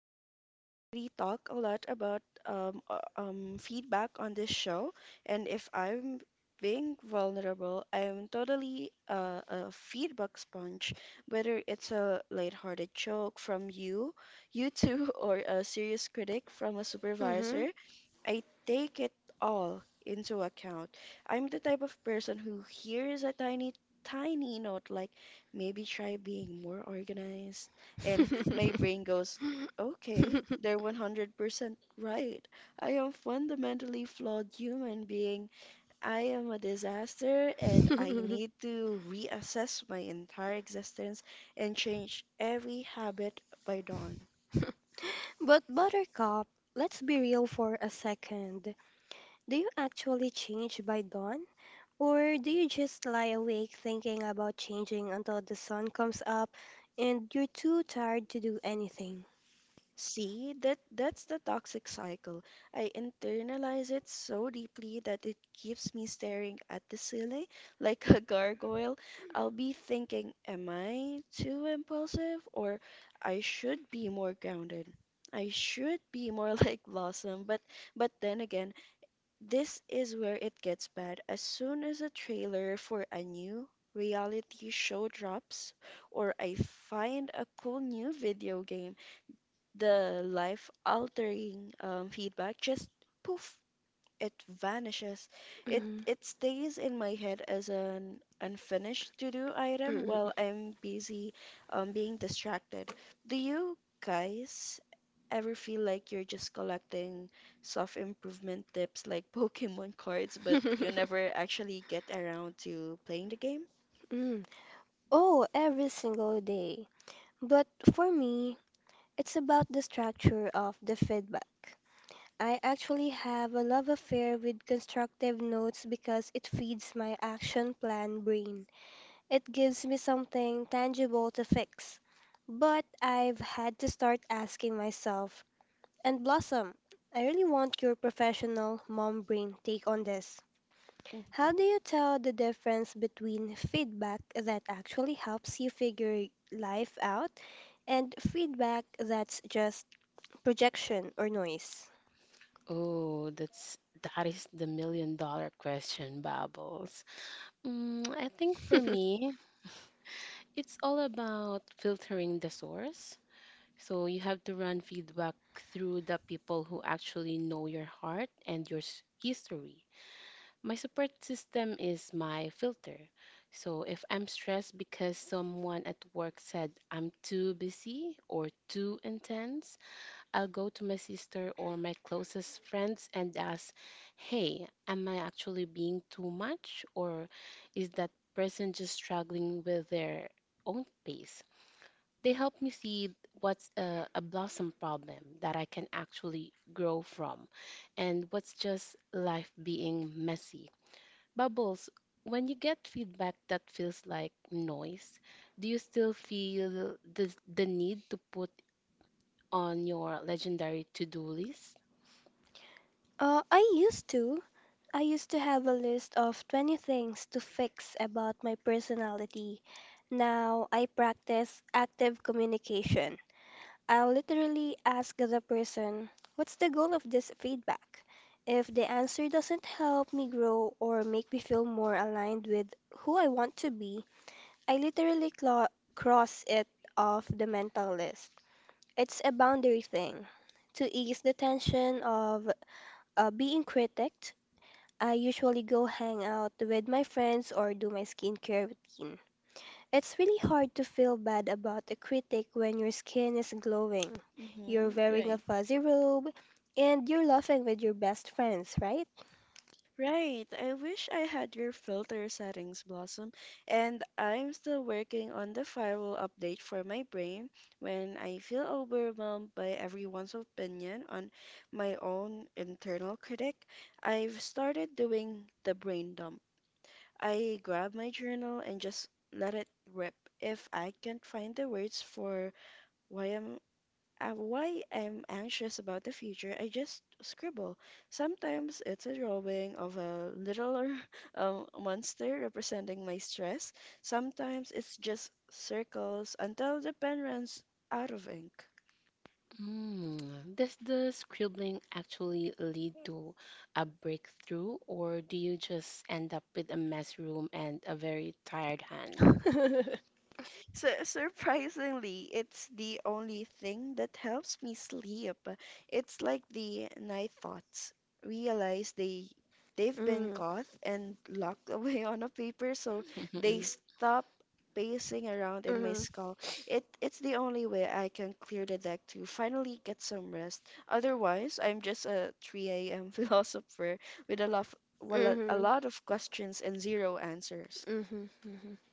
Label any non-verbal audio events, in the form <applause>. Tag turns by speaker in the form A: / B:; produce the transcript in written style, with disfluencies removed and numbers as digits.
A: we already talk a lot about feedback on this show. And if I'm being vulnerable, I'm totally a feedback sponge, whether it's a lighthearted joke from you, you two, <laughs> or a serious critic from a supervisor.
B: Mhm.
A: I take it all into account. I'm the type of person who hears a tiny, tiny note like maybe try being more organized, and my brain goes, okay, they're
B: <laughs>
A: 100% right. I am fundamentally flawed human being. I am a disaster and I need to reassess my entire existence and change every habit by dawn.
B: But Buttercup, let's be real for a second. Do you actually change by dawn? Or do you just lie awake thinking about changing until the sun comes up and you're too tired to do anything?
A: See, that's the toxic cycle. I internalize it so deeply that it keeps me staring at the ceiling <laughs> like a gargoyle. I'll be thinking, am I too impulsive, or I should be more grounded. I should be more <laughs> like Blossom, but then again, this is where it gets bad. As soon as a trailer for a new reality show drops or I find a cool new video game, the life altering feedback just poof, it vanishes. it
B: Mhm.
A: it stays in my head as an unfinished to do item
B: Mhm.
A: while I'm busy being distracted. Do you guys ever feel like you're just collecting self improvement tips like <laughs> pokemon cards, but you never
B: <laughs>
A: actually get around to playing the game?
B: Mm. Oh, every single day. But for me, it's about the structure of the feedback. I actually have a love affair with constructive notes because it feeds my action plan brain. It gives me something tangible to fix. But I've had to start asking myself, and Blossom, I really want your professional mom brain take on this. How do
A: Mm-hmm.
B: you tell the difference between feedback that actually helps you figure life out and feedback that's just projection or noise?
C: Oh, that is the million dollar question, Bubbles. I think for
B: <laughs>
C: me, it's all about filtering the source. So you have to run feedback through the people who actually know your heart and history. My support system is my filter. So if I'm stressed because someone at work said I'm too busy or too intense, I'll go to my sister or my closest friends and ask, hey, am I actually being too much? Or is that person just struggling with their own pace? They help me see what's a blossom problem that I can actually grow from and what's just life being messy. Bubbles, when you get feedback that feels like noise, do you still feel the need to put on your legendary to do list?
B: I used to. I used to have a list of 20 things to fix about my personality. Now I practice active communication. I'll literally ask the person, what's the goal of this feedback? If the answer doesn't help me grow or make me feel more aligned with who I want to be, I literally cross it off the mental list. It's a boundary thing. To ease the tension of being critiqued, I usually go hang out with my friends or do my skincare routine. It's really hard to feel bad about a critic when your skin is glowing, you're wearing a
A: Mm-hmm.
B: fuzzy robe, and you're laughing with your best friends, right?
A: Right. I wish I had your filter settings, Blossom. And I'm still working on the firewall update for my brain when I feel overwhelmed by everyone's opinion on my own internal critic. I've started doing the brain dump. I grab my journal and just let it rip. If I can't find the words for why I'm why I'm anxious about the future, I just scribble. Sometimes it's a drawing of a little <laughs> monster representing my stress. Sometimes it's just circles until the pen runs out of ink.
C: Mm, does the scribbling actually lead to a breakthrough, or do you just end up with a mess room and a very tired hand?
B: <laughs>
A: Su surprisingly, it's the only thing that helps me sleep. It's like the night thoughts realize they've been
B: Mm,
A: caught and locked <laughs> away on a paper, so they
C: <laughs>
A: stop pacing around in my
B: mhm,
A: skull. It's the only way I can clear the deck to finally get some rest. Otherwise, I'm just a 3 a.m. <laughs> philosopher with a lot, well, a lot of questions and zero answers.
B: mhm, mhm, mhm.